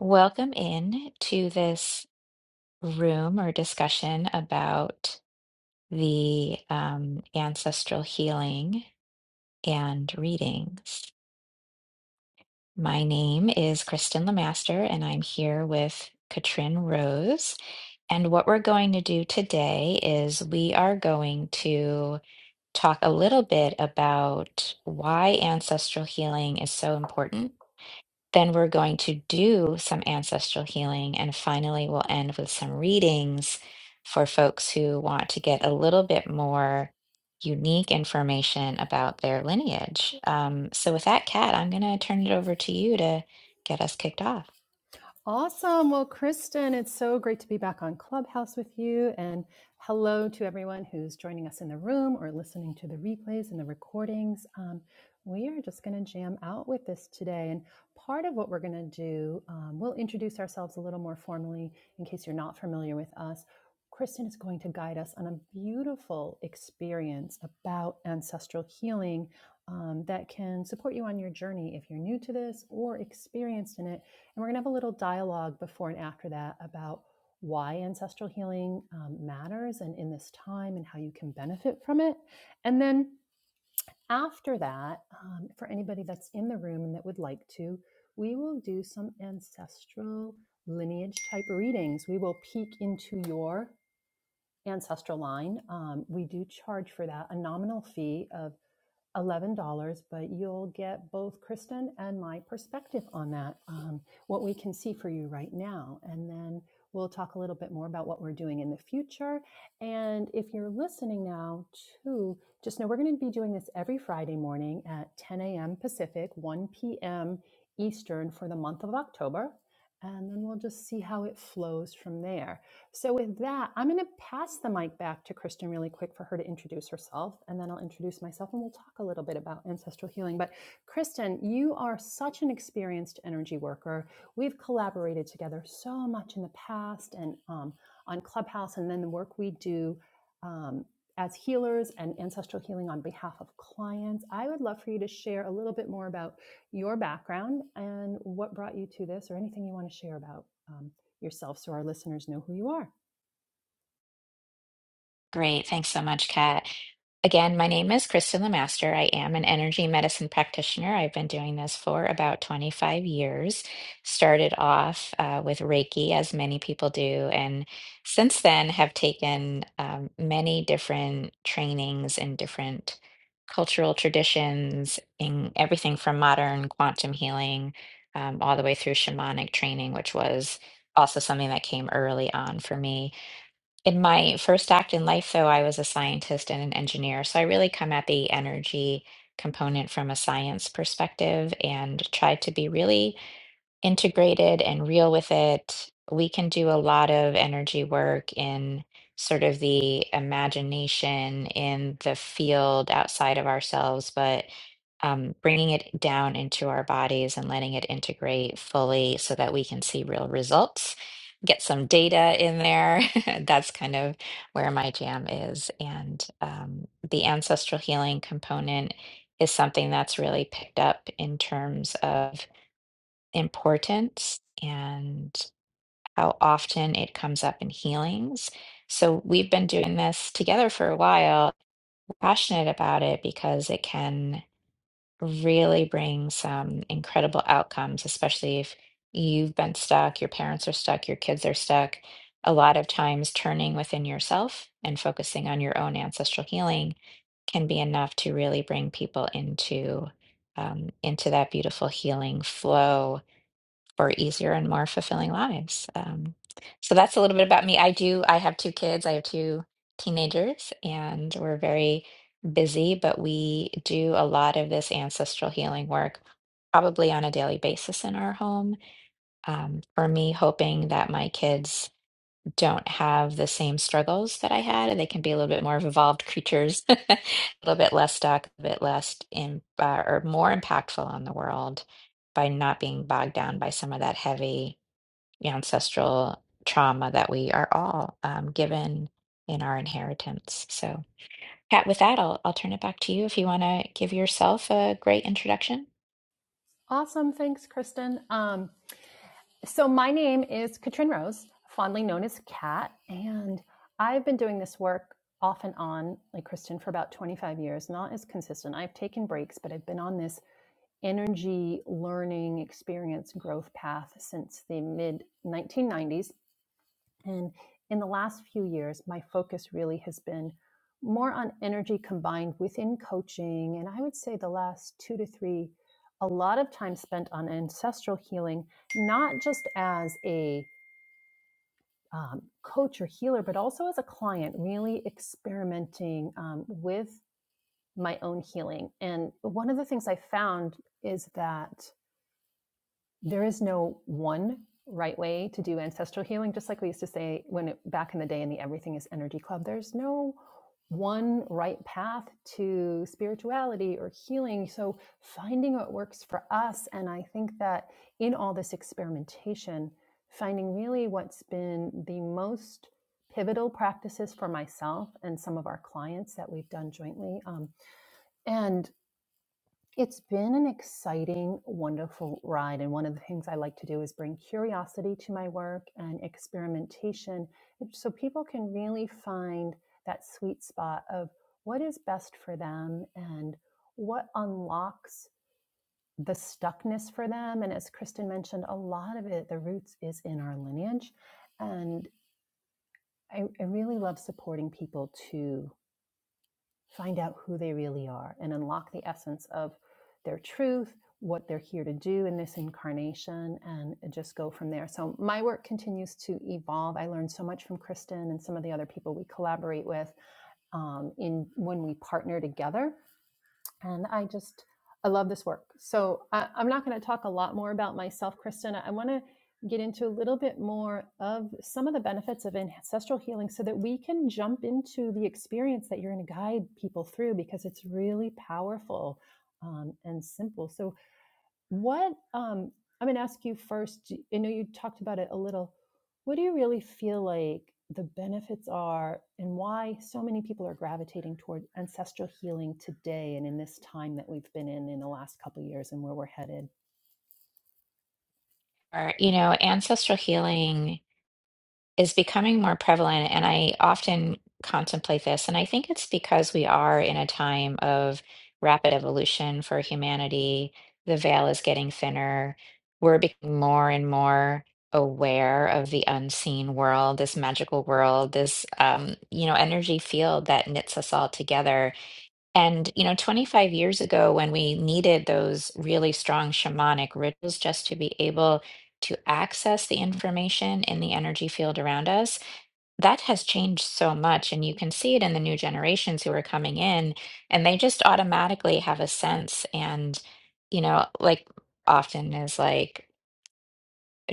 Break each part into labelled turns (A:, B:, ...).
A: Welcome in to this room or discussion about the um, ancestral healing and readings. My name is Kristen Lemaster, and I'm here with Katrin Rose. And what we're going to do today is we are going to talk a little bit about why ancestral healing is so important Then we're going to do some ancestral healing. And finally, we'll end with some readings for folks who want to get a little bit more unique information about their lineage. Um, so, with that, Kat, I'm going to turn it over to you to get us kicked off.
B: Awesome. Well, Kristen, it's so great to be back on Clubhouse with you. And hello to everyone who's joining us in the room or listening to the replays and the recordings. Um, we are just going to jam out with this today. And part of what we're going to do, um, we'll introduce ourselves a little more formally in case you're not familiar with us. Kristen is going to guide us on a beautiful experience about ancestral healing um, that can support you on your journey if you're new to this or experienced in it and we're going to have a little dialogue before and after that about why ancestral healing um, matters and in this time and how you can benefit from it. And then after that, um, for anybody that's in the room and that would like to, we will do some ancestral lineage type readings. We will peek into your ancestral line. Um, we do charge for that a nominal fee of $11, but you'll get both Kristen and my perspective on that, um, what we can see for you right now. And then we'll talk a little bit more about what we're doing in the future. And if you're listening now, too, just know we're going to be doing this every Friday morning at 10 a.m. Pacific, 1 p.m. Eastern for the month of October. And then we'll just see how it flows from there. So, with that, I'm going to pass the mic back to Kristen really quick for her to introduce herself, and then I'll introduce myself and we'll talk a little bit about ancestral healing. But, Kristen, you are such an experienced energy worker. We've collaborated together so much in the past and um, on Clubhouse, and then the work we do. Um, as healers and ancestral healing on behalf of clients, I would love for you to share a little bit more about your background and what brought you to this or anything you want to share about um, yourself so our listeners know who you are.
A: Great. Thanks so much, Kat. Again, my name is Kristen Lemaster. I am an energy medicine practitioner. I've been doing this for about 25 years. Started off uh, with Reiki, as many people do, and since then have taken um, many different trainings in different cultural traditions, in everything from modern quantum healing um, all the way through shamanic training, which was also something that came early on for me. In my first act in life, though, I was a scientist and an engineer. So I really come at the energy component from a science perspective and try to be really integrated and real with it, we can do a lot of energy work in sort of the imagination in the field outside of ourselves, but um, bringing it down into our bodies and letting it integrate fully so that we can see real results. Get some data in there. That's kind of where my jam is. And um, the ancestral healing component is something that's really picked up in terms of importance and how often it comes up in healings. So we've been doing this together for a while, We're passionate about it because it can really bring some incredible outcomes, especially if you've been stuck, your parents are stuck, your kids are stuck. A lot of times, turning within yourself and focusing on your own ancestral healing can be enough to really bring people into um, into that beautiful healing flow for easier and more fulfilling lives. Um, so that's a little bit about me. I do, I have two kids, I have two teenagers, and we're very busy, but we do a lot of this ancestral healing work probably on a daily basis in our home. Um, for me, hoping that my kids don't have the same struggles that I had, and they can be a little bit more evolved creatures, a little bit less stuck, a bit less in, uh, or more impactful on the world by not being bogged down by some of that heavy ancestral trauma that we are all um, given in our inheritance. So, Pat, with that, I'll I'll turn it back to you if you want to give yourself a great introduction.
B: Awesome. Thanks, Kristen. Um, so, my name is Katrin Rose, fondly known as Kat, and I've been doing this work off and on, like Kristen, for about 25 years, not as consistent. I've taken breaks, but I've been on this energy learning experience growth path since the mid 1990s. And in the last few years, my focus really has been more on energy combined within coaching. And I would say the last two to three, a lot of time spent on ancestral healing, not just as a um, coach or healer, but also as a client, really experimenting um, with my own healing. And one of the things I found is that there is no one right way to do ancestral healing just like we used to say when it, back in the day in the everything is energy club there's no one right path to spirituality or healing so finding what works for us and i think that in all this experimentation finding really what's been the most pivotal practices for myself and some of our clients that we've done jointly um, and it's been an exciting, wonderful ride. And one of the things I like to do is bring curiosity to my work and experimentation so people can really find that sweet spot of what is best for them and what unlocks the stuckness for them. And as Kristen mentioned, a lot of it, the roots is in our lineage. And I, I really love supporting people to find out who they really are and unlock the essence of their truth, what they're here to do in this incarnation, and just go from there. So my work continues to evolve. I learned so much from Kristen and some of the other people we collaborate with um, in when we partner together and I just I love this work. So I, I'm not going to talk a lot more about myself, Kristen. I I want to get into a little bit more of some of the benefits of ancestral healing, so that we can jump into the experience that you're going to guide people through because it's really powerful um, and simple. So what, um, I'm going to ask you first. do- i know you talked about it a little. What do you really feel like the benefits are, and why so many people are gravitating toward ancestral healing today and in this time that we've been in in the last couple of years and where we're headed?
A: Or, you know, ancestral healing is becoming more prevalent, and I often contemplate this, and I think it's because we are in a time of rapid evolution for humanity. The veil is getting thinner. We're becoming more and more aware of the unseen world, this magical world, this um, you know, energy field that knits us all together and, you know, 25 years ago, when we needed those really strong shamanic rituals just to be able to access the information in the energy field around us, that has changed so much. And you can see it in the new generations who are coming in, and they just automatically have a sense. And, you know, like often is like,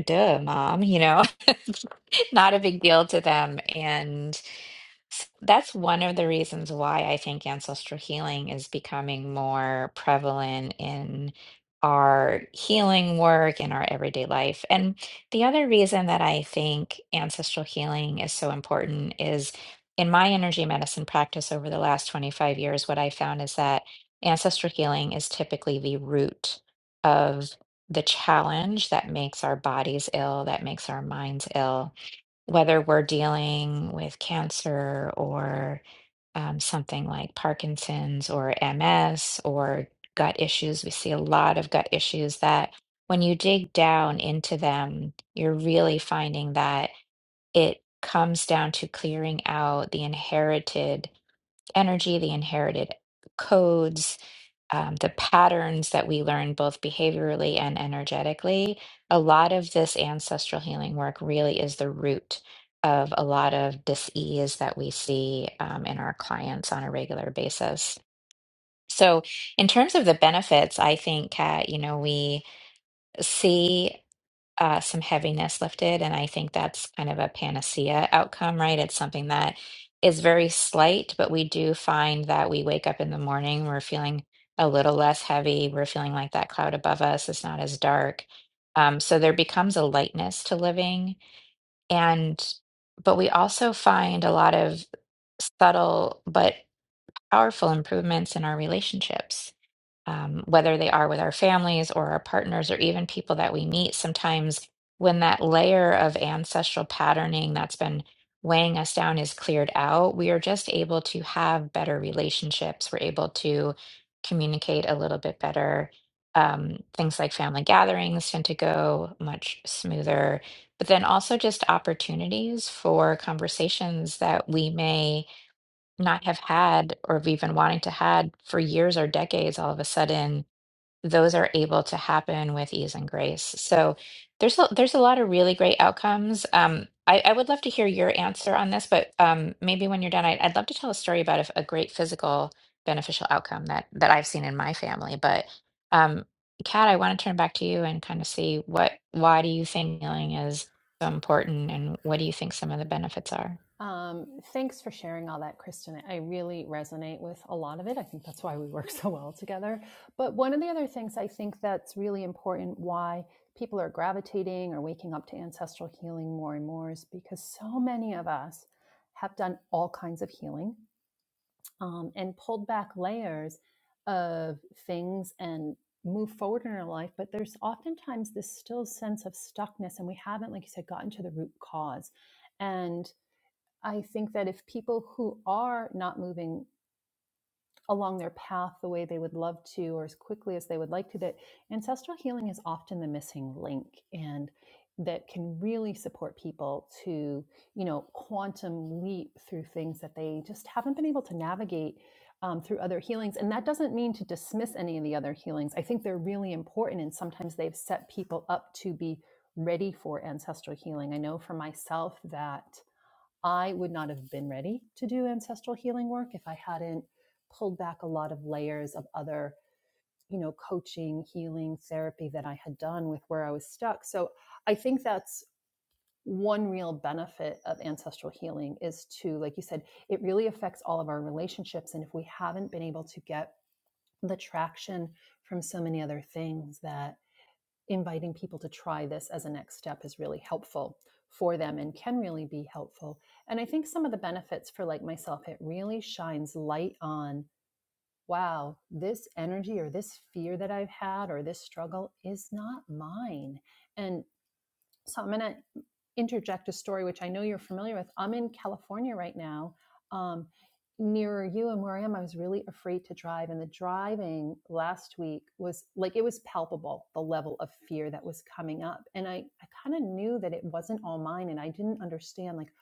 A: duh, mom, you know, not a big deal to them. And, S- That's one of the reasons why I think ancestral healing is becoming more prevalent in our healing work and our everyday life. And the other reason that I think ancestral healing is so important is in my energy medicine practice over the last 25 years, what I found is that ancestral healing is typically the root of the challenge that makes our bodies ill, that makes our minds ill whether we're dealing with cancer or um, something like Parkinson's or MS or gut issues, we see a lot of gut issues that when you dig down into them, you're really finding that it comes down to clearing out the inherited energy, the inherited codes um, the patterns that we learn both behaviorally and energetically, a lot of this ancestral healing work really is the root of a lot of dis-ease that we see um, in our clients on a regular basis. So, in terms of the benefits, I think, Kat, you know, we see uh, some heaviness lifted. And I think that's kind of a panacea outcome, right? It's something that is very slight, but we do find that we wake up in the morning, we're feeling a little less heavy, we're feeling like that cloud above us is not as dark. Um, so there becomes a lightness to living. And, but we also find a lot of subtle but powerful improvements in our relationships um, whether they are with our families or our partners or even people that we meet, sometimes when that layer of ancestral patterning that's been weighing us down is cleared out, we are just able to have better relationships. We're able to communicate a little bit better. Um, things like family gatherings tend to go much smoother, but then also just opportunities for conversations that we may not have had or have even wanting to had for years or decades all of a sudden those are able to happen with ease and grace so there's a, there's a lot of really great outcomes um, I, I would love to hear your answer on this but um, maybe when you're done I, i'd love to tell a story about a, a great physical beneficial outcome that that i've seen in my family but um, kat i want to turn back to you and kind of see what why do you think healing is so important and what do you think some of the benefits are
B: Um, thanks for sharing all that, Kristen. I really resonate with a lot of it. I think that's why we work so well together. But one of the other things I think that's really important why people are gravitating or waking up to ancestral healing more and more is because so many of us have done all kinds of healing um, and pulled back layers of things and move forward in our life. But there's oftentimes this still sense of stuckness, and we haven't, like you said, gotten to the root cause. And I think that if people who are not moving along their path the way they would love to or as quickly as they would like to, that ancestral healing is often the missing link and that can really support people to, you know, quantum leap through things that they just haven't been able to navigate um, through other healings. And that doesn't mean to dismiss any of the other healings. I think they're really important and sometimes they've set people up to be ready for ancestral healing. I know for myself that I would not have been ready to do ancestral healing work if I hadn't pulled back a lot of layers of other, you know, coaching, healing, therapy that I had done with where I was stuck. So I think that's one real benefit of ancestral healing is to, like you said, it really affects all of our relationships. And if we haven't been able to get the traction from so many other things that inviting people to try this as a next step is really helpful for them and can really be helpful. And I think some of the benefits for like myself, it really shines light on wow, this energy or this fear that I've had or this struggle is not mine. And so I'm going to interject a story which I know you're familiar with. I'm in California right now, um, nearer you, and where I am, I was really afraid to drive. And the driving last week was like it was palpable the level of fear that was coming up. And I, I kind of knew that it wasn't all mine, and I didn't understand like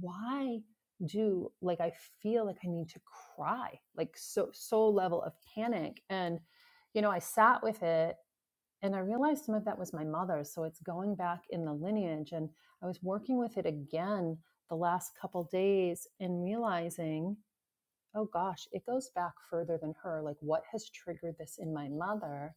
B: why do like I feel like I need to cry like so so level of panic and you know I sat with it and I realized some of that was my mother's. So it's going back in the lineage. And I was working with it again the last couple days and realizing, oh gosh, it goes back further than her. Like, what has triggered this in my mother?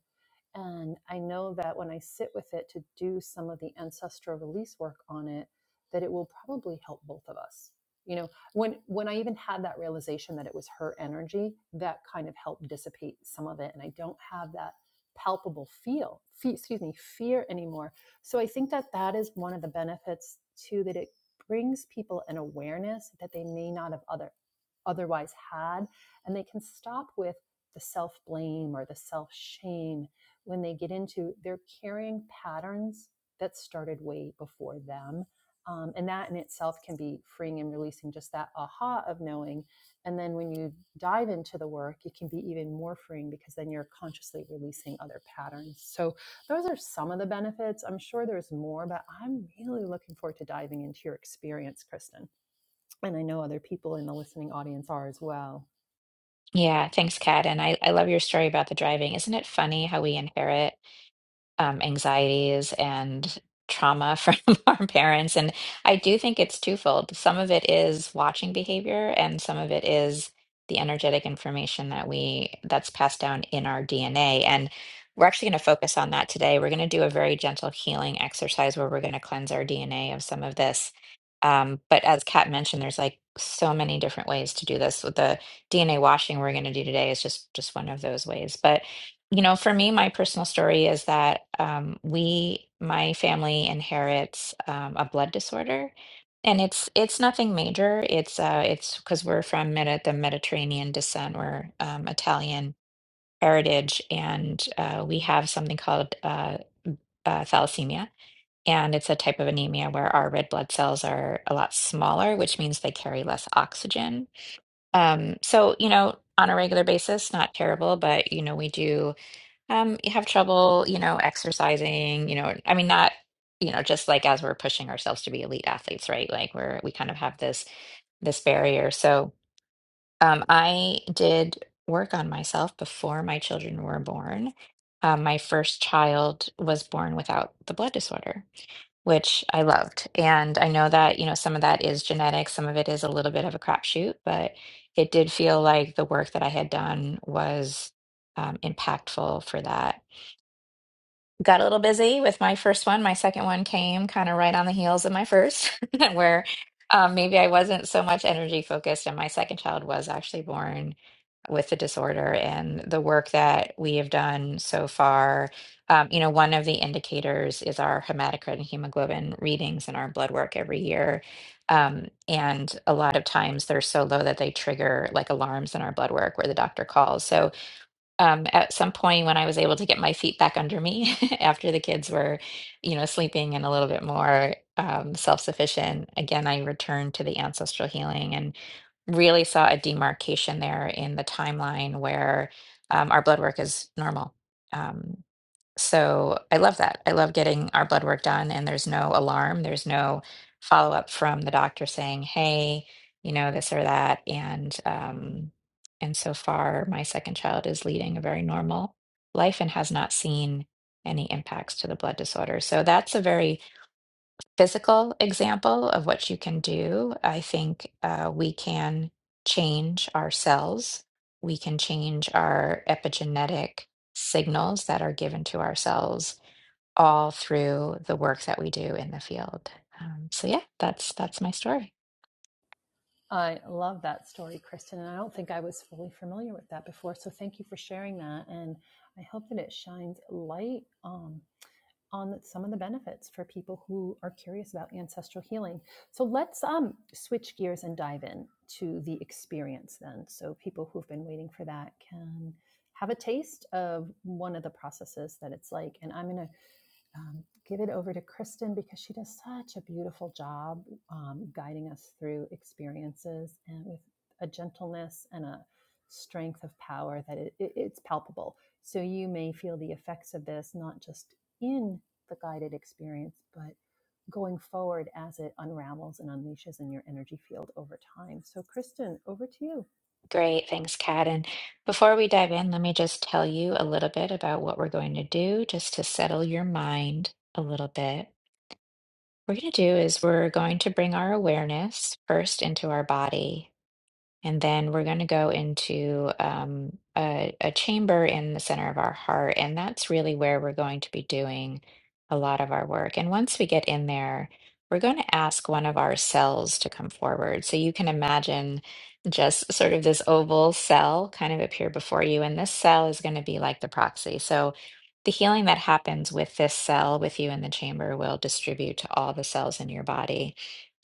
B: And I know that when I sit with it to do some of the ancestral release work on it, that it will probably help both of us. You know, when when I even had that realization that it was her energy, that kind of helped dissipate some of it, and I don't have that palpable feel, fe- excuse me, fear anymore. So I think that that is one of the benefits too that it brings people an awareness that they may not have other otherwise had, and they can stop with the self blame or the self shame when they get into they're carrying patterns that started way before them um, and that in itself can be freeing and releasing just that aha of knowing and then when you dive into the work it can be even more freeing because then you're consciously releasing other patterns so those are some of the benefits i'm sure there's more but i'm really looking forward to diving into your experience kristen and i know other people in the listening audience are as well
A: Yeah, thanks, Kat. And I, I love your story about the driving. Isn't it funny how we inherit? um, anxieties and trauma from our parents. And I do think it's twofold. Some of it is watching behavior, and some of it is the energetic information that we that's passed down in our DNA. And we're actually going to focus on that today. We're going to do a very gentle healing exercise where we're going to cleanse our DNA of some of this. Um, but as Kat mentioned, there's like so many different ways to do this. With the DNA washing we're going to do today is just just one of those ways. But you know, for me, my personal story is that um, we, my family inherits um, a blood disorder, and it's it's nothing major. It's uh, it's because we're from Medi the Mediterranean descent. We're um, Italian heritage, and uh, we have something called uh, uh, thalassemia, and it's a type of anemia where our red blood cells are a lot smaller, which means they carry less oxygen. Um, so, you know, on a regular basis, not terrible, but you know, we do. Um, you have trouble, you know, exercising, you know, I mean, not, you know, just like as we're pushing ourselves to be elite athletes, right? Like we're, we kind of have this, this barrier. So, um, I did work on myself before my children were born. Um, my first child was born without the blood disorder, which I loved. And I know that, you know, some of that is genetic, some of it is a little bit of a crapshoot, but it did feel like the work that I had done was, um, impactful for that got a little busy with my first one. My second one came kind of right on the heels of my first, where um, maybe I wasn't so much energy focused. And my second child was actually born with the disorder. And the work that we have done so far, um, you know, one of the indicators is our hematocrit and hemoglobin readings in our blood work every year. Um, and a lot of times they're so low that they trigger like alarms in our blood work where the doctor calls. So, um, at some point when I was able to get my feet back under me after the kids were, you know, sleeping and a little bit more um, self-sufficient, again, I returned to the ancestral healing and really saw a demarcation there in the timeline where um, our blood work is normal. Um, so I love that. I love getting our blood work done, and there's no alarm. There's no follow up from the doctor saying, "Hey, you know this or that." And um, and so far, my second child is leading a very normal life and has not seen any impacts to the blood disorder. So that's a very physical example of what you can do. I think uh, we can change our cells. We can change our epigenetic signals that are given to ourselves all through the work that we do in the field. Um, so yeah, that's that's my story.
B: I love that story, Kristen. And I don't think I was fully familiar with that before. So thank you for sharing that. And I hope that it shines light um, on some of the benefits for people who are curious about ancestral healing. So let's um, switch gears and dive in to the experience then. So people who've been waiting for that can have a taste of one of the processes that it's like. And I'm going to um, give it over to Kristen because she does such a beautiful job um, guiding us through experiences and with a gentleness and a strength of power that it, it- it's palpable. So you may feel the effects of this not just in the guided experience, but going forward as it unravels and unleashes in your energy field over time. So, Kristen, over to you.
A: Great, thanks, Kat. And before we dive in, let me just tell you a little bit about what we're going to do, just to settle your mind a little bit. What we're going to do is we're going to bring our awareness first into our body. And then we're going to go into um, a, a chamber in the center of our heart. And that's really where we're going to be doing a lot of our work. And once we get in there, we're going to ask one of our cells to come forward. So you can imagine just sort of this oval cell kind of appear before you. And this cell is going to be like the proxy. So the healing that happens with this cell with you in the chamber will distribute to all the cells in your body.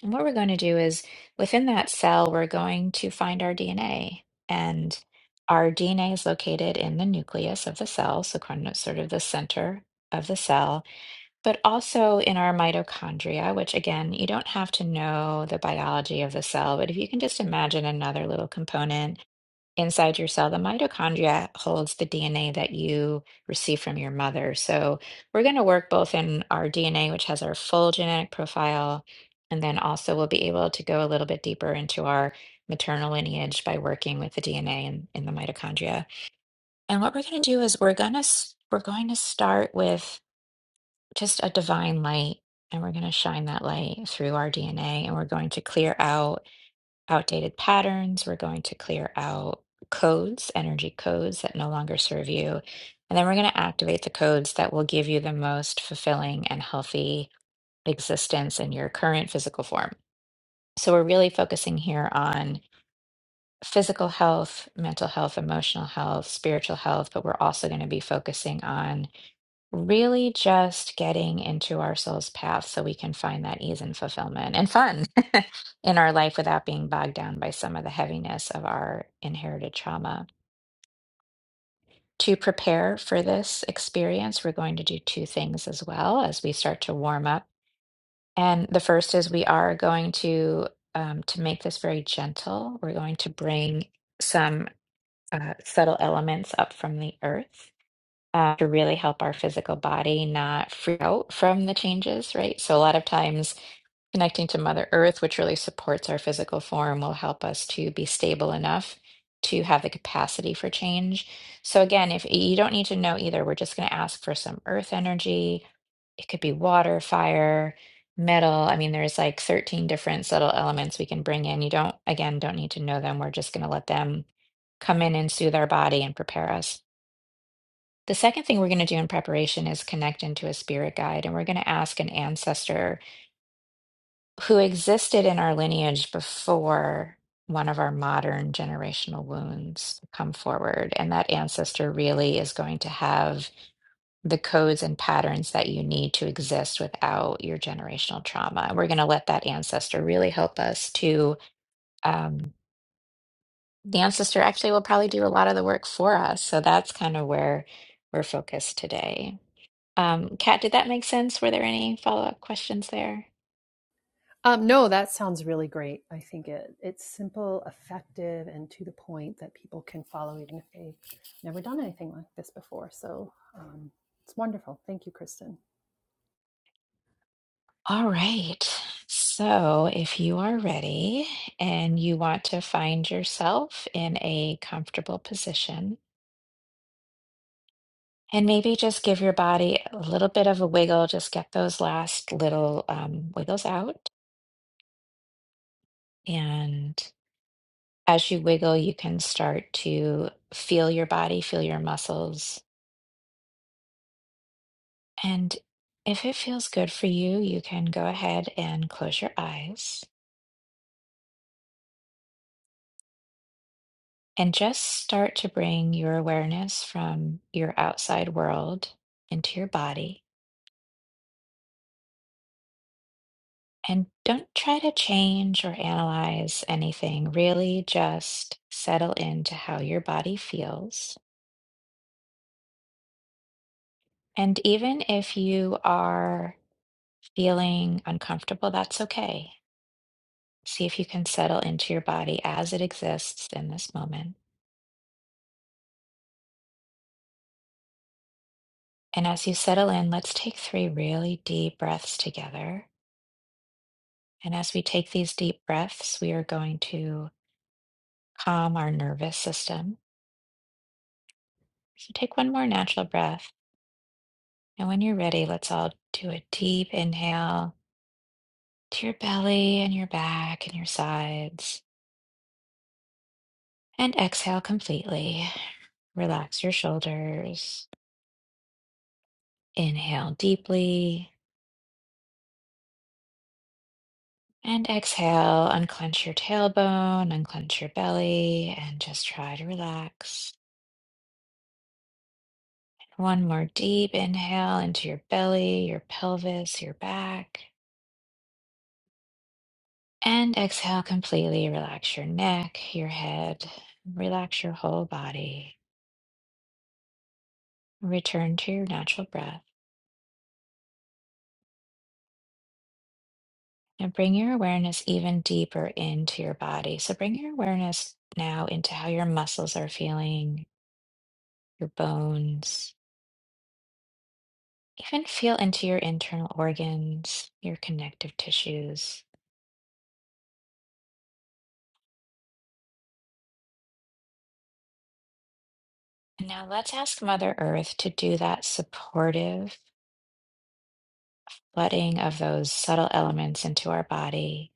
A: And what we're going to do is within that cell, we're going to find our DNA. And our DNA is located in the nucleus of the cell, so kind of sort of the center of the cell, but also in our mitochondria, which again, you don't have to know the biology of the cell, but if you can just imagine another little component inside your cell, the mitochondria holds the DNA that you receive from your mother. So we're going to work both in our DNA, which has our full genetic profile, and then also we'll be able to go a little bit deeper into our maternal lineage by working with the DNA in, in the mitochondria. And what we're going to do is we're going to we're going to start with just a divine light and we're going to shine that light through our DNA and we're going to clear out outdated patterns. We're going to clear out codes, energy codes that no longer serve you. And then we're going to activate the codes that will give you the most fulfilling and healthy existence in your current physical form. So we're really focusing here on physical health, mental health, emotional health, spiritual health, but we're also going to be focusing on Really just getting into our soul's path so we can find that ease and fulfillment and fun in our life without being bogged down by some of the heaviness of our inherited trauma. To prepare for this experience, we're going to do two things as well as we start to warm up. And the first is we are going to um, to make this very gentle. We're going to bring some uh, subtle elements up from the earth uh, to really help our physical body not freak out from the changes, right? So, a lot of times connecting to Mother Earth, which really supports our physical form, will help us to be stable enough to have the capacity for change. So, again, if you don't need to know either, we're just going to ask for some earth energy. It could be water, fire, metal. I mean, there's like 13 different subtle elements we can bring in. You don't, again, don't need to know them. We're just going to let them come in and soothe our body and prepare us. The second thing we're going to do in preparation is connect into a spirit guide, and we're going to ask an ancestor who existed in our lineage before one of our modern generational wounds come forward. And that ancestor really is going to have the codes and patterns that you need to exist without your generational trauma. And we're going to let that ancestor really help us to. Um, the ancestor actually will probably do a lot of the work for us. So that's kind of where we're focused today. Um, Kat, did that make sense? Were there any follow-up questions there?
B: Um, no, that sounds really great. I think it it's simple, effective, and to the point that people can follow, even if they've never done anything like this before. So um, it's wonderful. Thank you, Kristen.
A: All right. So if you are ready and you want to find yourself in a comfortable position, and maybe just give your body a little bit of a wiggle, just get those last little um, wiggles out. And as you wiggle, you can start to feel your body, feel your muscles. And if it feels good for you, you can go ahead and close your eyes. And just start to bring your awareness from your outside world into your body. And don't try to change or analyze anything. Really just settle into how your body feels. And even if you are feeling uncomfortable, that's okay. See if you can settle into your body as it exists in this moment. And as you settle in, let's take three really deep breaths together. And as we take these deep breaths, we are going to calm our nervous system. So take one more natural breath. And when you're ready, let's all do a deep inhale to your belly and your back and your sides. And exhale completely. Relax your shoulders. Inhale deeply. And exhale, unclench your tailbone, unclench your belly, and just try to relax. One more deep inhale into your belly, your pelvis, your back. And exhale completely. Relax your neck, your head, relax your whole body. Return to your natural breath and bring your awareness even deeper into your body. So bring your awareness now into how your muscles are feeling, your bones. Even feel into your internal organs, your connective tissues. And now let's ask Mother Earth to do that supportive flooding of those subtle elements into our body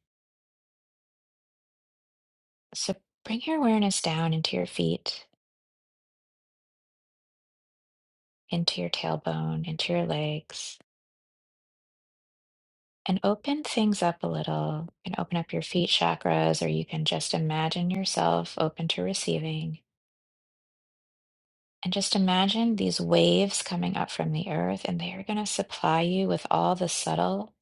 A: So bring your awareness down into your feet, into your tailbone, into your legs, and open things up a little. You can open up your feet chakras, or you can just imagine yourself open to receiving. And just imagine these waves coming up from the earth, and they are going to supply you with all the subtle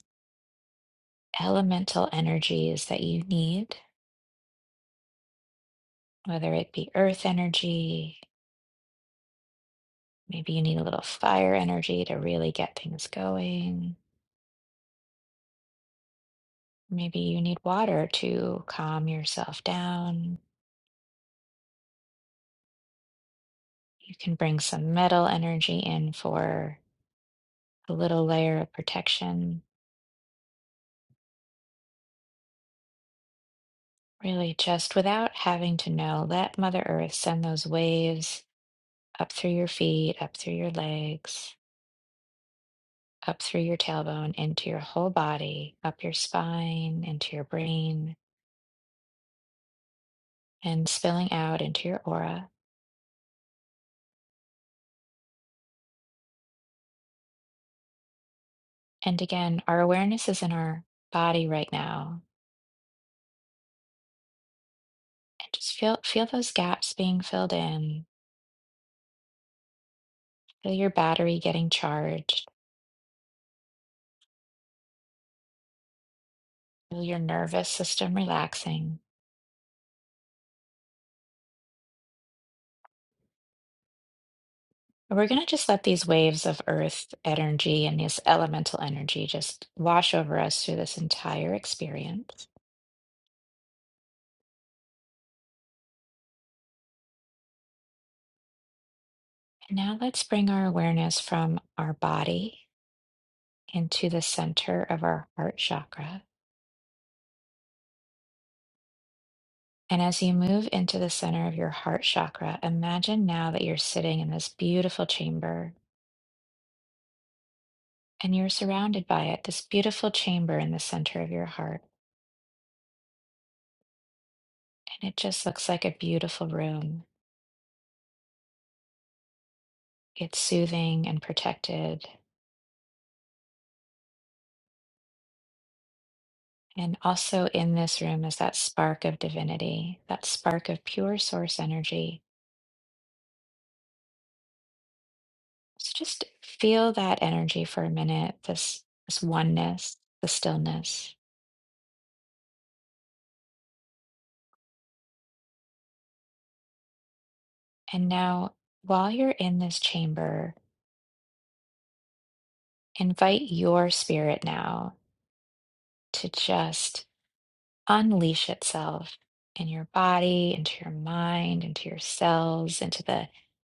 A: elemental energies that you need, whether it be earth energy, maybe you need a little fire energy to really get things going Maybe you need water to calm yourself down. You can bring some metal energy in for a little layer of protection. Really, just without having to know, let Mother Earth send those waves up through your feet, up through your legs, up through your tailbone, into your whole body, up your spine, into your brain, and spilling out into your aura. And again, our awareness is in our body right now. And just feel feel those gaps being filled in Feel your battery getting charged. Feel your nervous system relaxing. And we're going to just let these waves of earth energy and this elemental energy just wash over us through this entire experience. And now let's bring our awareness from our body into the center of our heart chakra. And as you move into the center of your heart chakra, imagine now that you're sitting in this beautiful chamber and you're surrounded by it, this beautiful chamber in the center of your heart. And it just looks like a beautiful room. It's soothing and protected. And also in this room is that spark of divinity, that spark of pure source energy. So just feel that energy for a minute, this, this oneness, the stillness. And now, while you're in this chamber, invite your spirit now to just unleash itself in your body, into your mind, into your cells, into the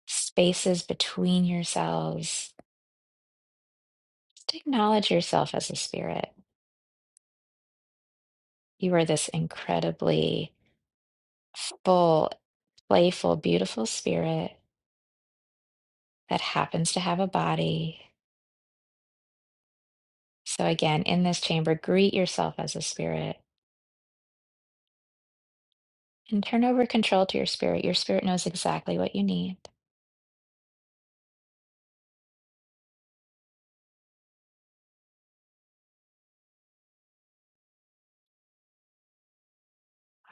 A: spaces between your cells. Just acknowledge yourself as a spirit. You are this incredibly full, playful, beautiful spirit that happens to have a body. So, again, in this chamber, greet yourself as a spirit and turn over control to your spirit. Your spirit knows exactly what you need.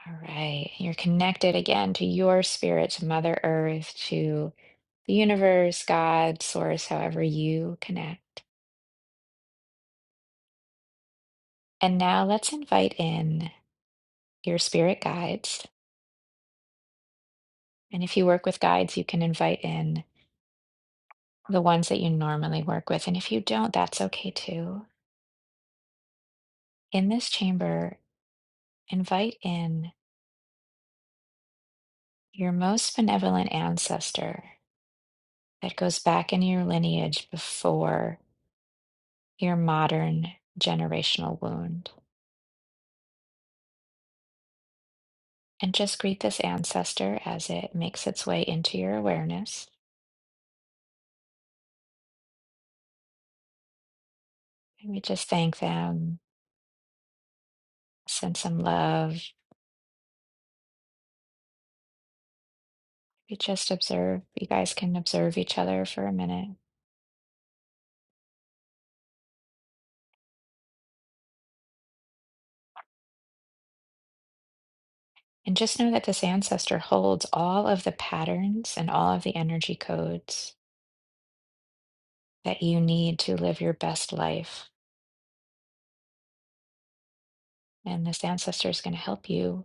A: All right. You're connected again to your spirit, to Mother Earth, to the universe, God, source, however you connect. And now let's invite in your spirit guides. And if you work with guides, you can invite in the ones that you normally work with. And if you don't, that's okay too. In this chamber, invite in your most benevolent ancestor that goes back in your lineage before your modern generational wound. And just greet this ancestor as it makes its way into your awareness. And we just thank them send some love. You just observe, you guys can observe each other for a minute. And just know that this ancestor holds all of the patterns and all of the energy codes that you need to live your best life. And this ancestor is going to help you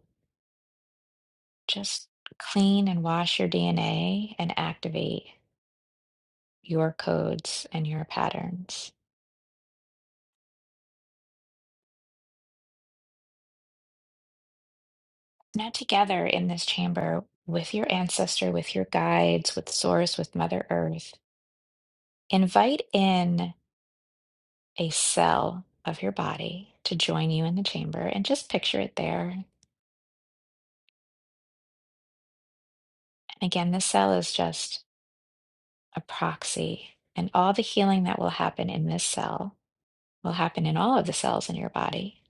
A: just clean and wash your DNA and activate your codes and your patterns. Now, together in this chamber with your ancestor, with your guides, with Source, with Mother Earth, invite in a cell of your body to join you in the chamber and just picture it there. And again, this cell is just a proxy, and all the healing that will happen in this cell will happen in all of the cells in your body.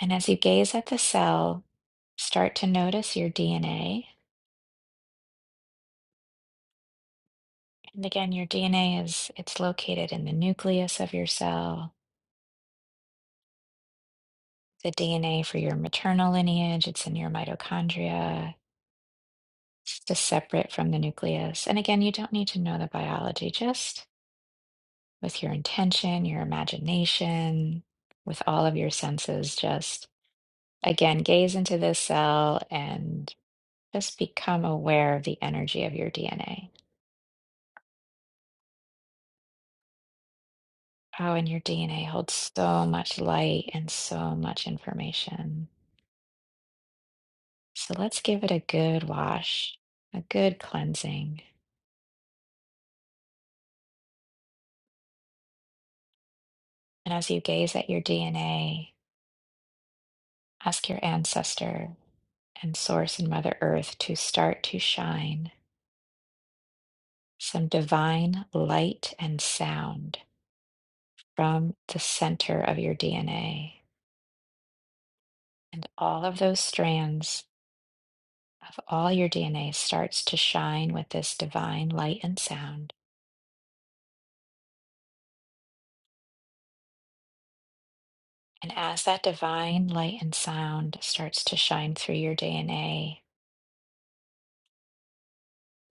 A: And as you gaze at the cell, start to notice your DNA. And again, your DNA is it's located in the nucleus of your cell. The DNA for your maternal lineage, it's in your mitochondria. It's just separate from the nucleus. And again, you don't need to know the biology, just with your intention, your imagination, with all of your senses. Just again, gaze into this cell and just become aware of the energy of your DNA. Oh, and your DNA holds so much light and so much information. So let's give it a good wash, a good cleansing. And as you gaze at your DNA, ask your ancestor and Source and Mother Earth to start to shine some divine light and sound from the center of your DNA. And all of those strands of all your DNA starts to shine with this divine light and sound. And as that divine light and sound starts to shine through your DNA,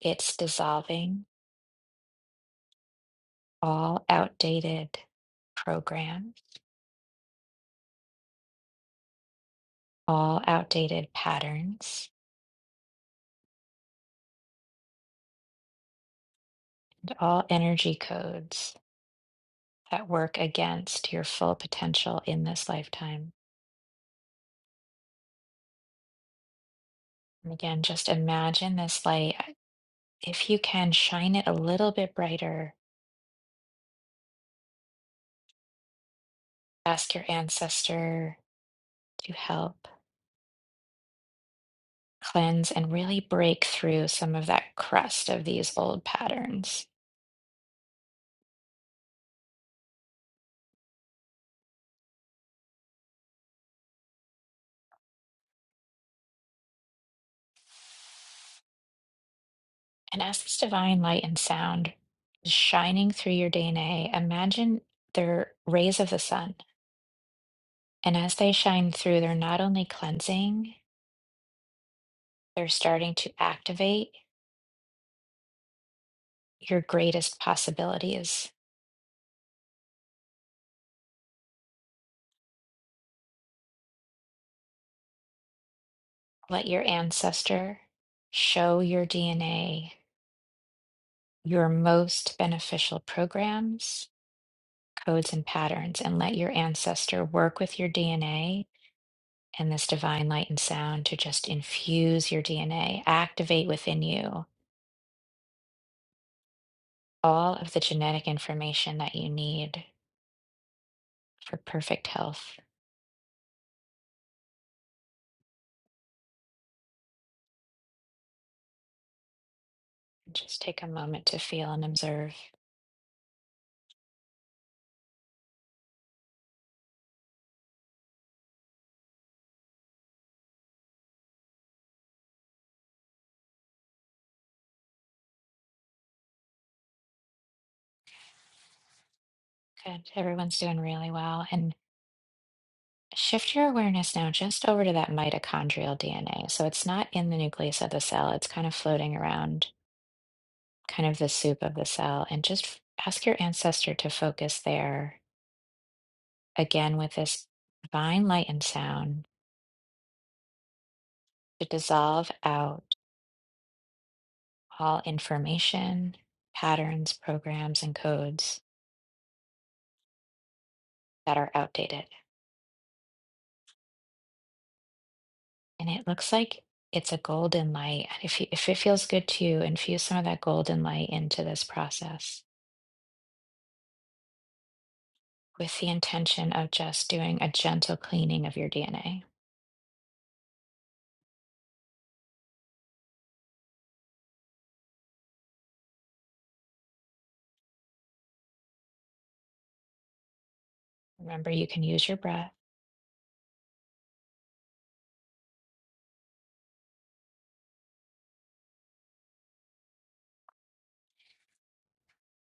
A: it's dissolving all outdated programs, all outdated patterns, and all energy codes that work against your full potential in this lifetime. And again, just imagine this light. uh, If you can, shine it a little bit brighter. Ask your ancestor to help cleanse and really break through some of that crust of these old patterns. And as this divine light and sound is shining through your DNA, imagine they're rays of the sun. And as they shine through, they're not only cleansing, they're starting to activate your greatest possibilities Let your ancestor show your DNA your most beneficial programs, codes, and patterns, and let your ancestor work with your DNA and this divine light and sound to just infuse your DNA, activate within you all of the genetic information that you need for perfect health. Just take a moment to feel and observe. Good. Everyone's doing really well. and. Shift your awareness now just over to that mitochondrial DNA. So it's not in the nucleus of the cell, it's kind of floating around, kind of the soup of the cell. And just f- ask your ancestor to focus there again with this divine light and sound to dissolve out all information, patterns, programs, and codes that are outdated. And it looks like it's a golden light. If, you, if it feels good to you, infuse some of that golden light into this process. with the intention of just doing a gentle cleaning of your DNA. Remember, you can use your breath.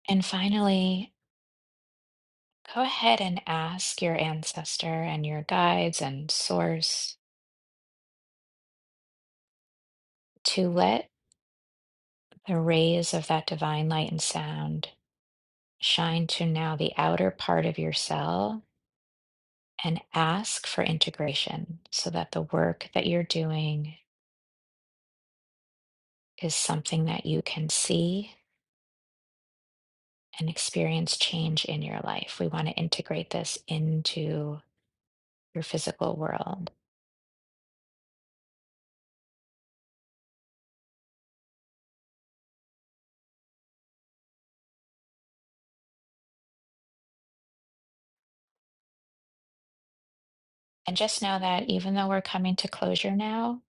A: And finally, go ahead and ask your ancestor and your guides and source to let the rays of that divine light and sound shine to now the outer part of your cell and ask for integration so that the work that you're doing is something that you can see and experience change in your life. We want to integrate this into your physical world. And just know that even though we're coming to closure now,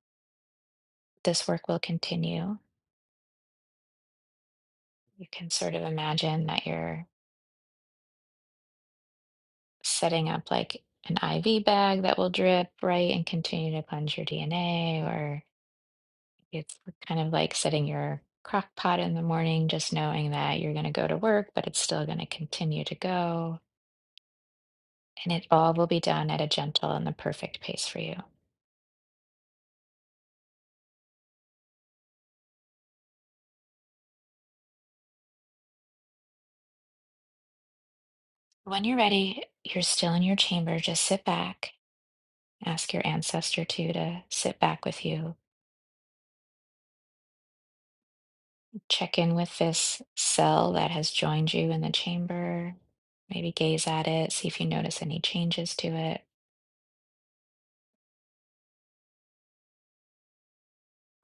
A: this work will continue. You can sort of imagine that you're setting up like an IV bag that will drip, right, and continue to cleanse your DNA, or it's kind of like setting your crock pot in the morning, just knowing that you're going to go to work, but it's still going to continue to go. And it all will be done at a gentle and the perfect pace for you. When you're ready, you're still in your chamber. Just sit back Ask your ancestor to to sit back with you. Check in with this cell that has joined you in the chamber. Maybe gaze at it, see if you notice any changes to it.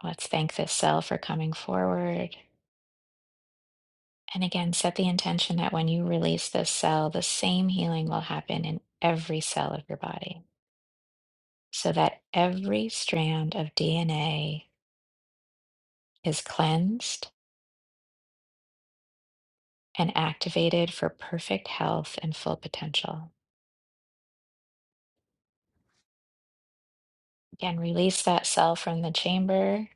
A: Let's thank this cell for coming forward. And again, set the intention that when you release this cell, the same healing will happen in every cell of your body so that every strand of DNA is cleansed and activated for perfect health and full potential. Again, release that cell from the chamber.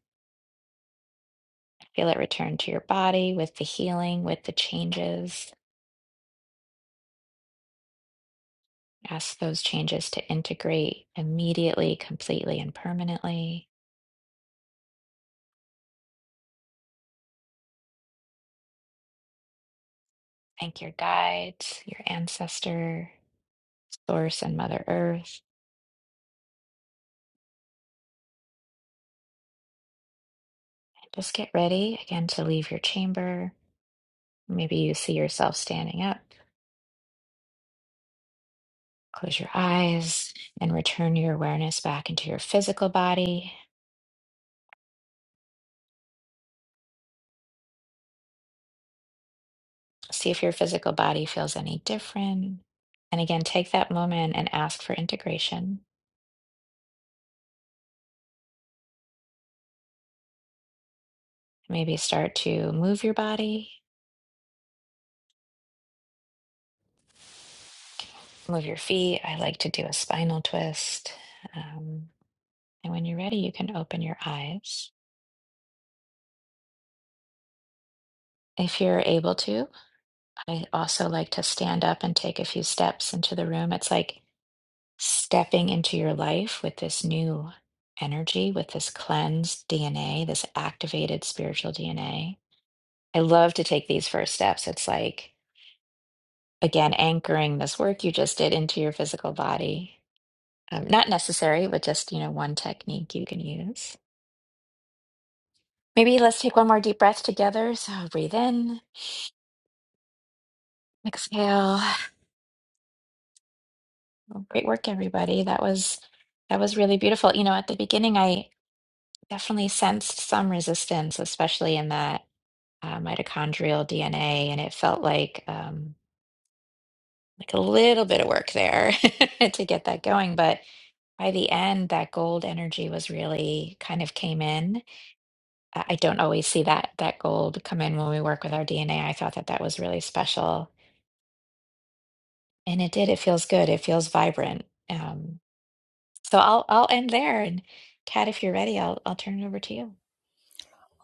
A: Feel it return to your body with the healing, with the changes. Ask those changes to integrate immediately, completely, and permanently. Thank your guides, your ancestor, Source, and Mother Earth. And just get ready again to leave your chamber. Maybe you see yourself standing up. Close your eyes and return your awareness back into your physical body. See if your physical body feels any different. And again, take that moment and ask for integration. Maybe start to move your body, move your feet. I like to do a spinal twist. Um, and when you're ready, you can open your eyes. If you're able to, I also like to stand up and take a few steps into the room. It's like stepping into your life with this new energy, with this cleansed DNA, this activated spiritual DNA I love to take these first steps. It's like, again, anchoring this work you just did into your physical body. Um, not necessary, but just, you know, one technique you can use. Maybe let's take one more deep breath together. So breathe in, exhale. Well, Great work, everybody. That was that was really beautiful. You know, at the beginning, I definitely sensed some resistance, especially in that uh, mitochondrial DNA, and it felt like. um, like a little bit of work there to get that going. But by the end, that gold energy was really kind of came in. I I don't always see that that gold come in when we work with our DNA. I thought that that was really special, and it did. It feels good. It feels vibrant. Um, so I'll I'll end there. And Kat, if you're ready, I'll I'll turn it over to you.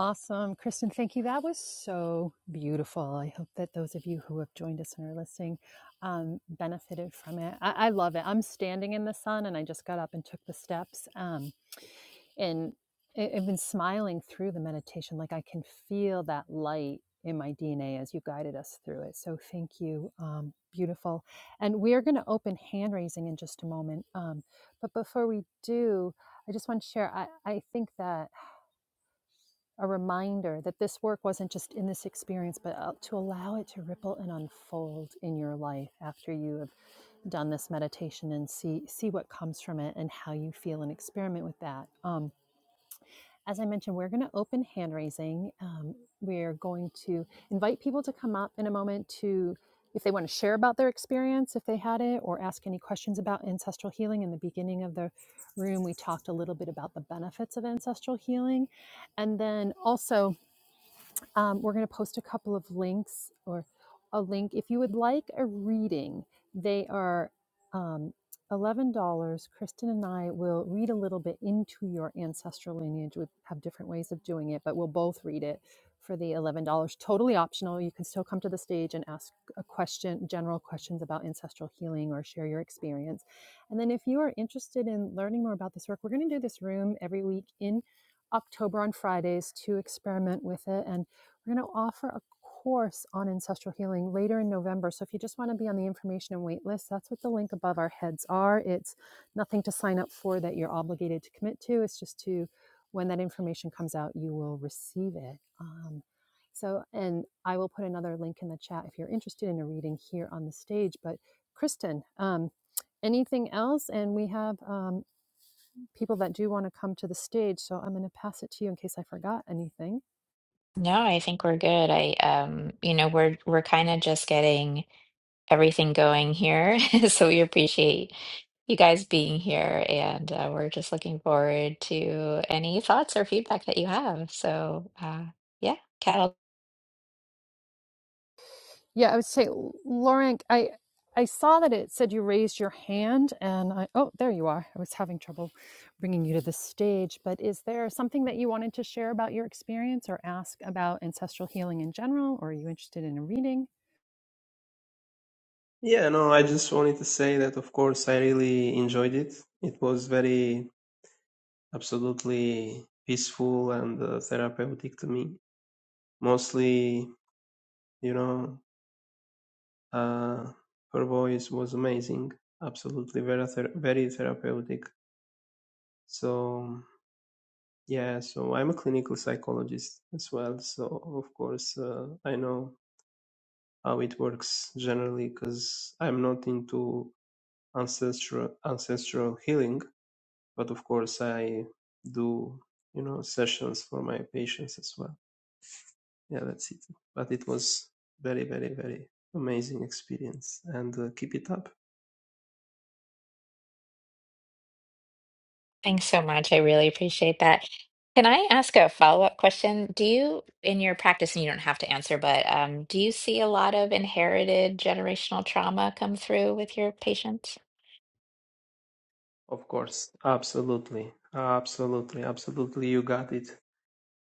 B: Awesome, Kristen. Thank you. That was so beautiful. I hope that those of you who have joined us and are listening um, benefited from it. I, I love it. I'm standing in the sun, and I just got up and took the steps. Um, and I- I've been smiling through the meditation. Like I can feel that light in my DNA as you guided us through it. So thank you. Um, beautiful. And we are going to open hand raising in just a moment. Um, but before we do, I just want to share. I, I think that a reminder that this work wasn't just in this experience, but uh, to allow it to ripple and unfold in your life after you have done this meditation and see see what comes from it and how you feel and experiment with that. Um, as I mentioned, we're going to open hand raising. Um, we're going to invite people to come up in a moment to, if they want to share about their experience, if they had it, or ask any questions about ancestral healing. In the beginning of the room, we talked a little bit about the benefits of ancestral healing. And then also, um, we're going to post a couple of links or a link. If you would like a reading, they are um, $11. Kristen and I will read a little bit into your ancestral lineage. We have different ways of doing it, but we'll both read it for the $11. Totally optional. You can still come to the stage and ask a question, general questions about ancestral healing or share your experience. And then if you are interested in learning more about this work, we're going to do this room every week in October on Fridays to experiment with it. and. We're going to offer a course on ancestral healing later in November. So if you just want to be on the information and wait list, that's what the link above our heads are. It's nothing to sign up for that you're obligated to commit to. It's just to when that information comes out, you will receive it. Um, so, and I will put another link in the chat if you're interested in a reading here on the stage. But Kristen, um, anything else? And we have um, people that do want to come to the stage. So I'm going to pass it to you in case I forgot anything.
A: No, I think we're good. I um, you know, we're we're kind of just getting. everything going here. So we appreciate you guys being here, and uh, we're just looking forward to any thoughts or feedback that you have. So, uh, yeah, Cal,
B: Yeah, I would say, L- Lauren, I I saw that it said you raised your hand, and I oh, there you are. I was having trouble bringing you to the stage, but is there something that you wanted to share about your experience or ask about ancestral healing in general, or are you interested in a reading?
C: Yeah, no, I just wanted to say that, of course, I really enjoyed it. It was very absolutely peaceful and uh, therapeutic to me. Mostly, you know, uh, her voice was amazing, absolutely very ther- very therapeutic. So yeah, so I'm a clinical psychologist as well. So of course, uh, I know how it works generally because I'm not into ancestral ancestral healing but of course I do you know sessions for my patients as well. Yeah, that's it. But it was very very very amazing experience and uh, keep it up.
A: thanks so much. I really appreciate that. Can I ask a follow-up question? Do you, in your practice, and you don't have to answer, but um, do you see a lot of inherited generational trauma come through with your patients?
C: Of course, absolutely, absolutely, absolutely. You got it.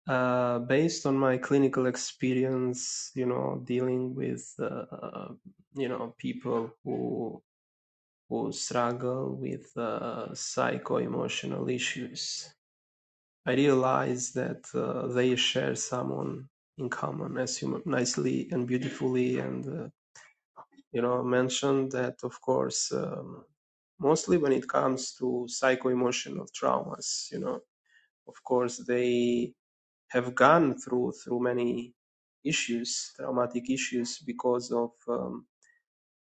C: Uh, based on my clinical experience, you know, dealing with uh, you know people who who struggle with uh, psycho-emotional issues I realize that uh, they share someone in common, as you nicely and beautifully and uh, you know mentioned that of course um, mostly when it comes to psycho-emotional traumas, you know, of course they have gone through through many issues, traumatic issues because of um,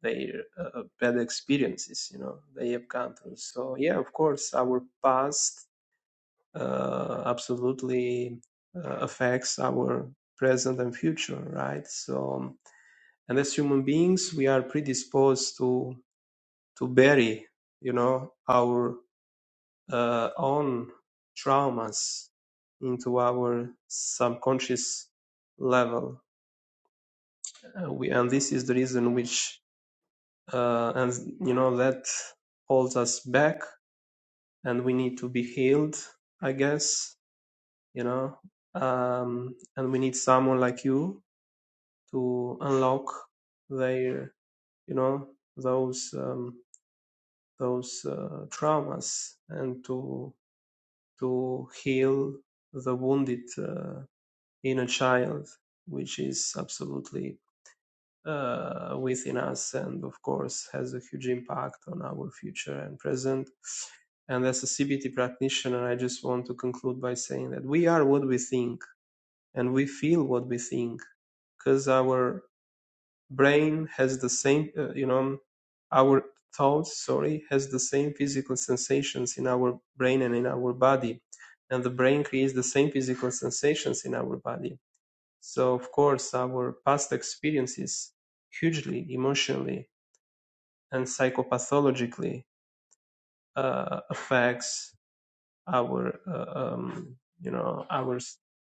C: their uh, bad experiences, you know, they have gone through. So yeah, of course, our past uh, absolutely uh, affects our present and future, right? So, and as human beings, we are predisposed to to bury, you know, our uh, own traumas into our subconscious level. Uh, we, and this is the reason which, uh, and you know, that holds us back, and we need to be healed, I guess, you know um and we need someone like you to unlock their you know those um those uh, traumas and to to heal the wounded uh, inner child which is absolutely uh, within us and of course has a huge impact on our future and present and as a cbt practitioner i just want to conclude by saying that we are what we think and we feel what we think because our brain has the same uh, you know our thoughts sorry has the same physical sensations in our brain and in our body and the brain creates the same physical sensations in our body so of course our past experiences hugely emotionally and psychopathologically uh, affects our uh, um, you know our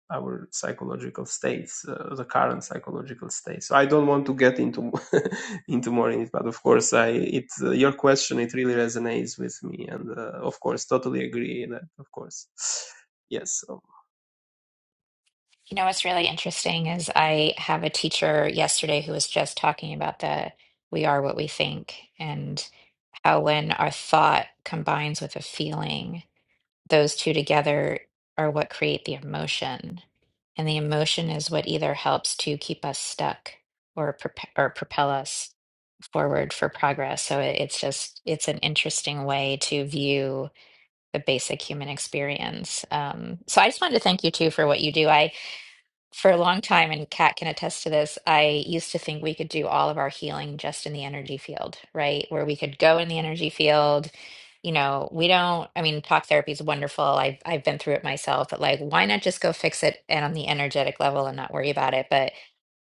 C: our psychological states uh, the current psychological state so i don't want to get into into more in it but of course i it uh, your question it really resonates with me and uh, of course totally agree that of course yes so
A: You know what's really interesting is I have a teacher yesterday who was just talking about the we are what we think and how when our thought combines with a feeling, those two together are what create the emotion. And the emotion is what either helps to keep us stuck or prop or propel us forward for progress. So it, it's just it's an interesting way to view the basic human experience. Um, so I just wanted to thank you too for what you do for a long time, and Kat can attest to this, I used to think we could do all of our healing just in the energy field, right? Where we could go in the energy field. You know, we don't, I mean, talk therapy is wonderful. I've I've been through it myself, but like, why not just go fix it and on the energetic level and not worry about it? But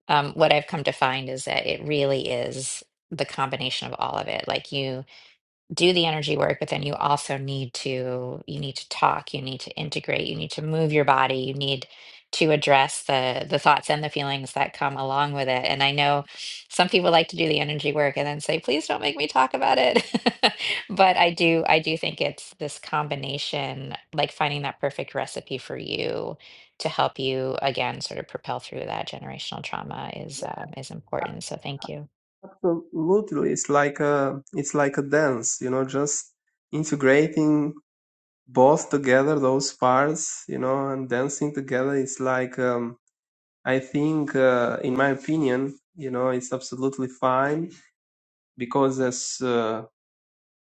A: um, what I've come to find is that it really is the combination of all of it. Like you do the energy work, but then you also need to you need to talk, you need to integrate, you need to move your body, you need to address the the thoughts and the feelings that come along with it. And I know some people like to do the energy work and then say, "Please don't make me talk about it." But I do I do think it's this combination, like finding that perfect recipe for you to help you again sort of propel through that generational trauma is um, is important. So thank you.
C: absolutely it's like a it's like a dance you know just integrating both together those parts you know and dancing together it's like um I think, uh, in my opinion, you know, it's absolutely fine because as uh,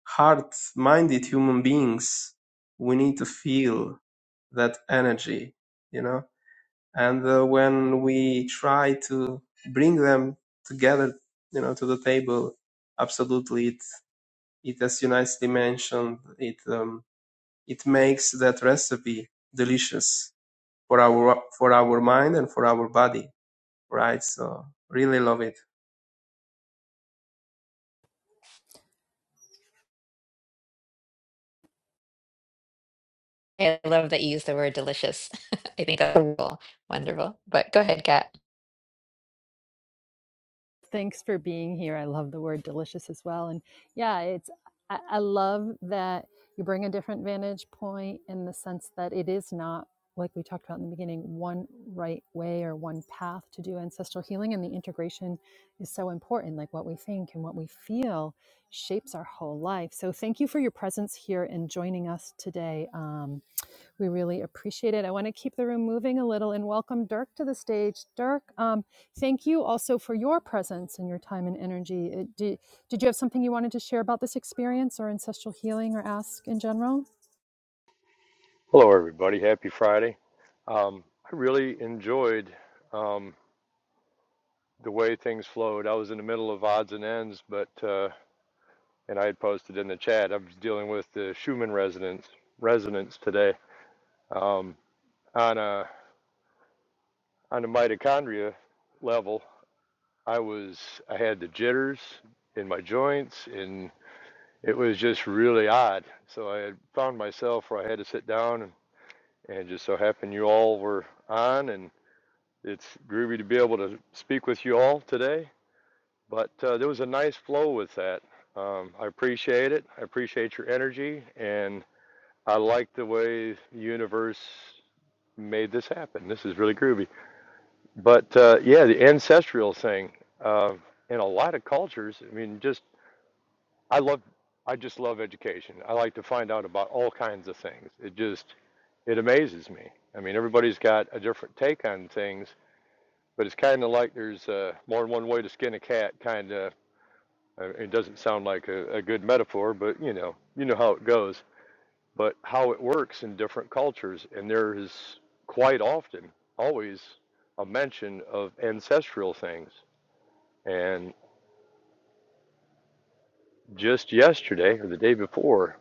C: hard-minded human beings, we need to feel that energy, you know. And uh, when we try to bring them together, you know, to the table, absolutely, it it as you nicely mentioned, it um, it makes that recipe delicious for our for our mind and for our body, right? So really love it.
A: I love that you use the word delicious. I think that's wonderful. Wonderful. But go ahead, Kat.
B: Thanks for being here. I love the word delicious as well. And yeah, it's I, I love that you bring a different vantage point in the sense that it is not like we talked about in the beginning, one right way or one path to do ancestral healing. And the integration is so important. Like what we think and what we feel shapes our whole life. So thank you for your presence here and joining us today. Um, we really appreciate it. I want to keep the room moving a little and welcome Dirk to the stage. Dirk, um, thank you also for your presence and your time and energy. Uh, Did, did you have something you wanted to share about this experience or ancestral healing or ask in general?
D: Hello, everybody. Happy Friday. Um, I really enjoyed um, the way things flowed. I was in the middle of odds and ends, but uh, and I had posted in the chat. I was dealing with the Schumann resonance resonance today um, on a on the mitochondria level. I was I had the jitters in my joints, and it was just really odd. So I had found myself where I had to sit down, and, and just so happened you all were on, and. It's groovy to be able to speak with you all today, but uh, there was a nice flow with that. Um, I appreciate it. I appreciate your energy, and I like the way the universe made this happen. This is really groovy. But uh, yeah, the ancestral thing uh, in a lot of cultures. I mean, just I love. I just love education. I like to find out about all kinds of things. It just it amazes me. I mean, everybody's got a different take on things, But it's kind of like there's uh, more than one way to skin a cat. Kind of, it doesn't sound like a, a good metaphor, but you know, you know how it goes. But how it works in different cultures, and there is quite often, always, a mention of ancestral things. And just yesterday or the day before,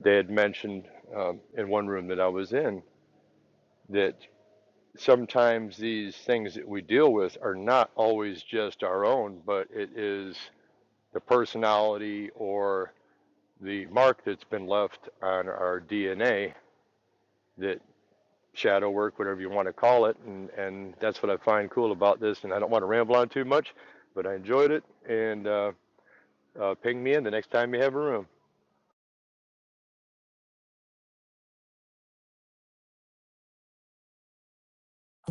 D: they had mentioned um, in one room that I was in that sometimes these things that we deal with are not always just our own, but it is the personality or the mark that's been left on our DNA that shadow work, whatever you want to call it. And, and that's what I find cool about this. And I don't want to ramble on too much, but I enjoyed it. And uh, uh, ping me in the next time you have a room.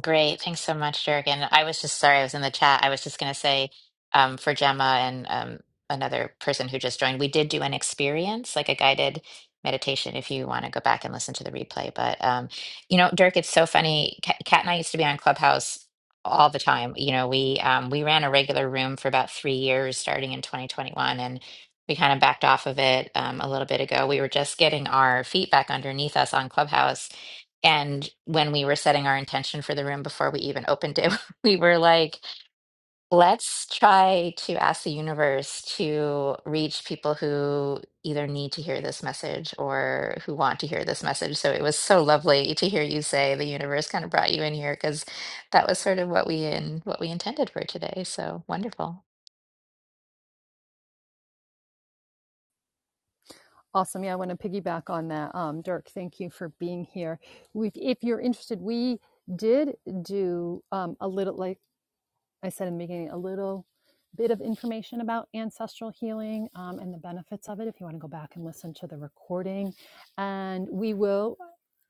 A: Great. Thanks so much, Jurgen. I was just sorry I was in the chat. I was just going to say um, for Gemma and um, another person who just joined, we did do an experience, like a guided meditation, if you want to go back and listen to the replay. But, um, you know, Dirk, it's so funny. Ca- Kat and I used to be on Clubhouse all the time. You know, we um, we ran a regular room for about three years, starting in 2021, and we kind of backed off of it um, a little bit ago. We were just getting our feet back underneath us on Clubhouse and when we were setting our intention for the room before we even opened it, we were like, let's try to ask the universe to reach people who either need to hear this message or who want to hear this message. So it was so lovely to hear you say the universe kind of brought you in here because that was sort of what we in what we intended for today. So wonderful.
B: Awesome. Yeah, I want to piggyback on that. Um, Dirk, thank you for being here. We, if you're interested, we did do um, a little like I said in the beginning a little bit of information about ancestral healing um, and the benefits of it if you want to go back and listen to the recording. And we will,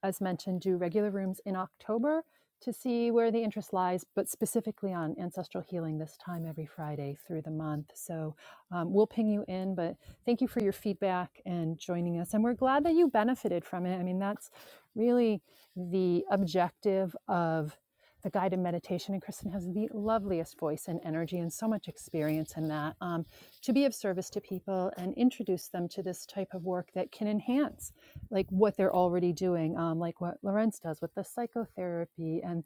B: as mentioned, do regular rooms in October to see where the interest lies, but specifically on ancestral healing this time every Friday through the month. So um, we'll ping you in, but thank you for your feedback and joining us. And we're glad that you benefited from it. I mean, that's really the objective of the guided meditation. And Kristen has the loveliest voice and energy and so much experience in that um, to be of service to people and introduce them to this type of work that can enhance like what they're already doing, um, like what Lorenz does with the psychotherapy and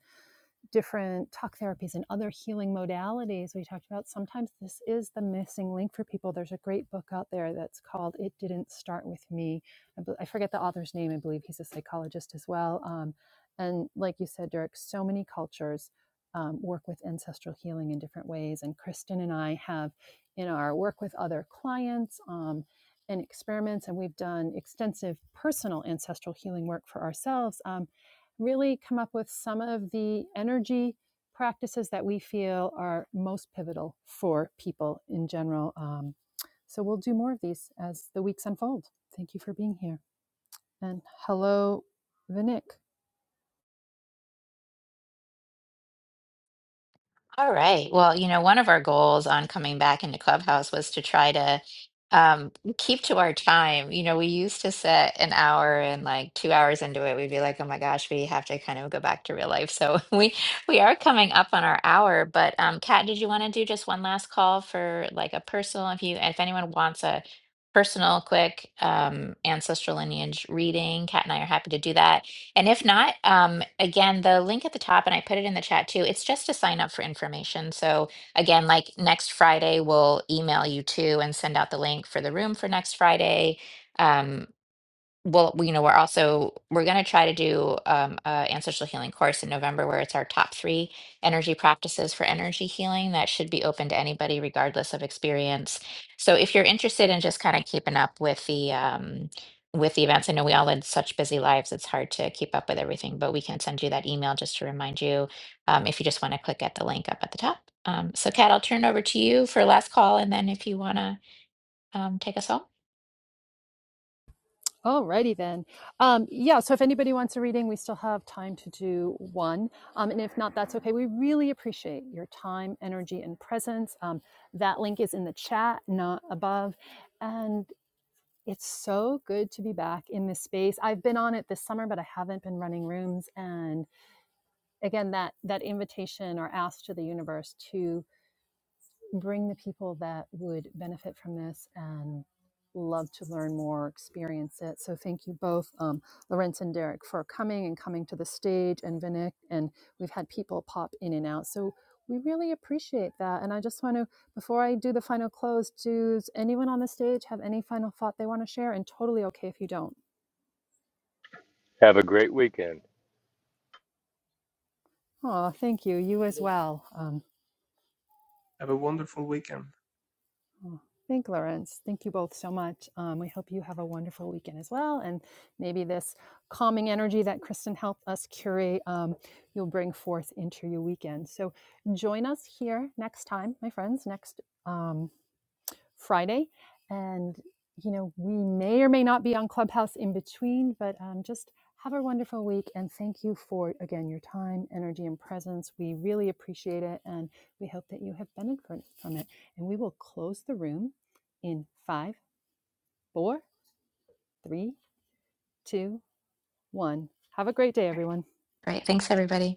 B: different talk therapies and other healing modalities we talked about, sometimes this is the missing link for people. There's a great book out there that's called It Didn't Start With Me. I, bel- I forget the author's name. I believe he's a psychologist as well. Um, and like you said, Derek, so many cultures um, work with ancestral healing in different ways. And Kristen and I have in our work with other clients, um, and experiments, and we've done extensive personal ancestral healing work for ourselves. Um, really come up with some of the energy practices that we feel are most pivotal for people in general. Um, so we'll do more of these as the weeks unfold. Thank you for being here. And hello, Vinik.
A: All right. Well, you know, one of our goals on coming back into Clubhouse was to try to um, keep to our time. You know, we used to set an hour and like two hours into it, we'd be like, oh my gosh, we have to kind of go back to real life. So we we are coming up on our hour. But um, Kat, did you want to do just one last call for like a personal, if you if anyone wants a personal quick um, ancestral lineage reading, Kat and I are happy to do that. And if not, um, again, the link at the top, and I put it in the chat too, it's just to sign up for information. So, again, like next Friday, we'll email you too and send out the link for the room for next Friday. Um, well, we- you know, we're also we're going to try to do um, a ancestral healing course in November where it's our top three energy practices for energy healing that should be open to anybody regardless of experience. So if you're interested in just kind of keeping up with the um, with the events, I know we all lead such busy lives; it's hard to keep up with everything. But we can send you that email just to remind you um, if you just want to click at the link up at the top. Um, so, Kat, I'll turn it over to you for last call, and then if you want to um, take us home.
B: Alrighty then. Um, yeah, so if anybody wants a reading, we still have time to do one. Um, and if not, that's okay. We really appreciate your time, energy, and presence. Um, that link is in the chat, not above. And. It's so good to be back in this space. I've been on it this summer, but I haven't been running rooms. And again, that that invitation or ask to the universe to bring the people that would benefit from this and love to learn more, experience it. So thank you both, um, Lorenz and Derek, for coming and coming to the stage, and Vinik. And we've had people pop in and out, so we really appreciate that. And I just want to, before I do the final close, does anyone on the stage have any final thought they want to share? And totally okay if you don't.
D: Have a great weekend.
B: Oh, thank you. You as well. Um,
C: Have a wonderful weekend.
B: Oh, thank Lawrence. Thank you both so much. Um, we hope you have a wonderful weekend as well. And maybe this calming energy that Kristen helped us curate, um, you'll bring forth into your weekend. So join us here next time, my friends, next. um, Friday. And, you know, we may or may not be on Clubhouse in between, but um, just have a wonderful week. And thank you for, again, your time, energy, and presence. We really appreciate it. And we hope that you have benefited from it. And we will close the room in five, four, three, two, one. Have a great day,
A: All right,
B: everyone.
A: Great. thanks, everybody.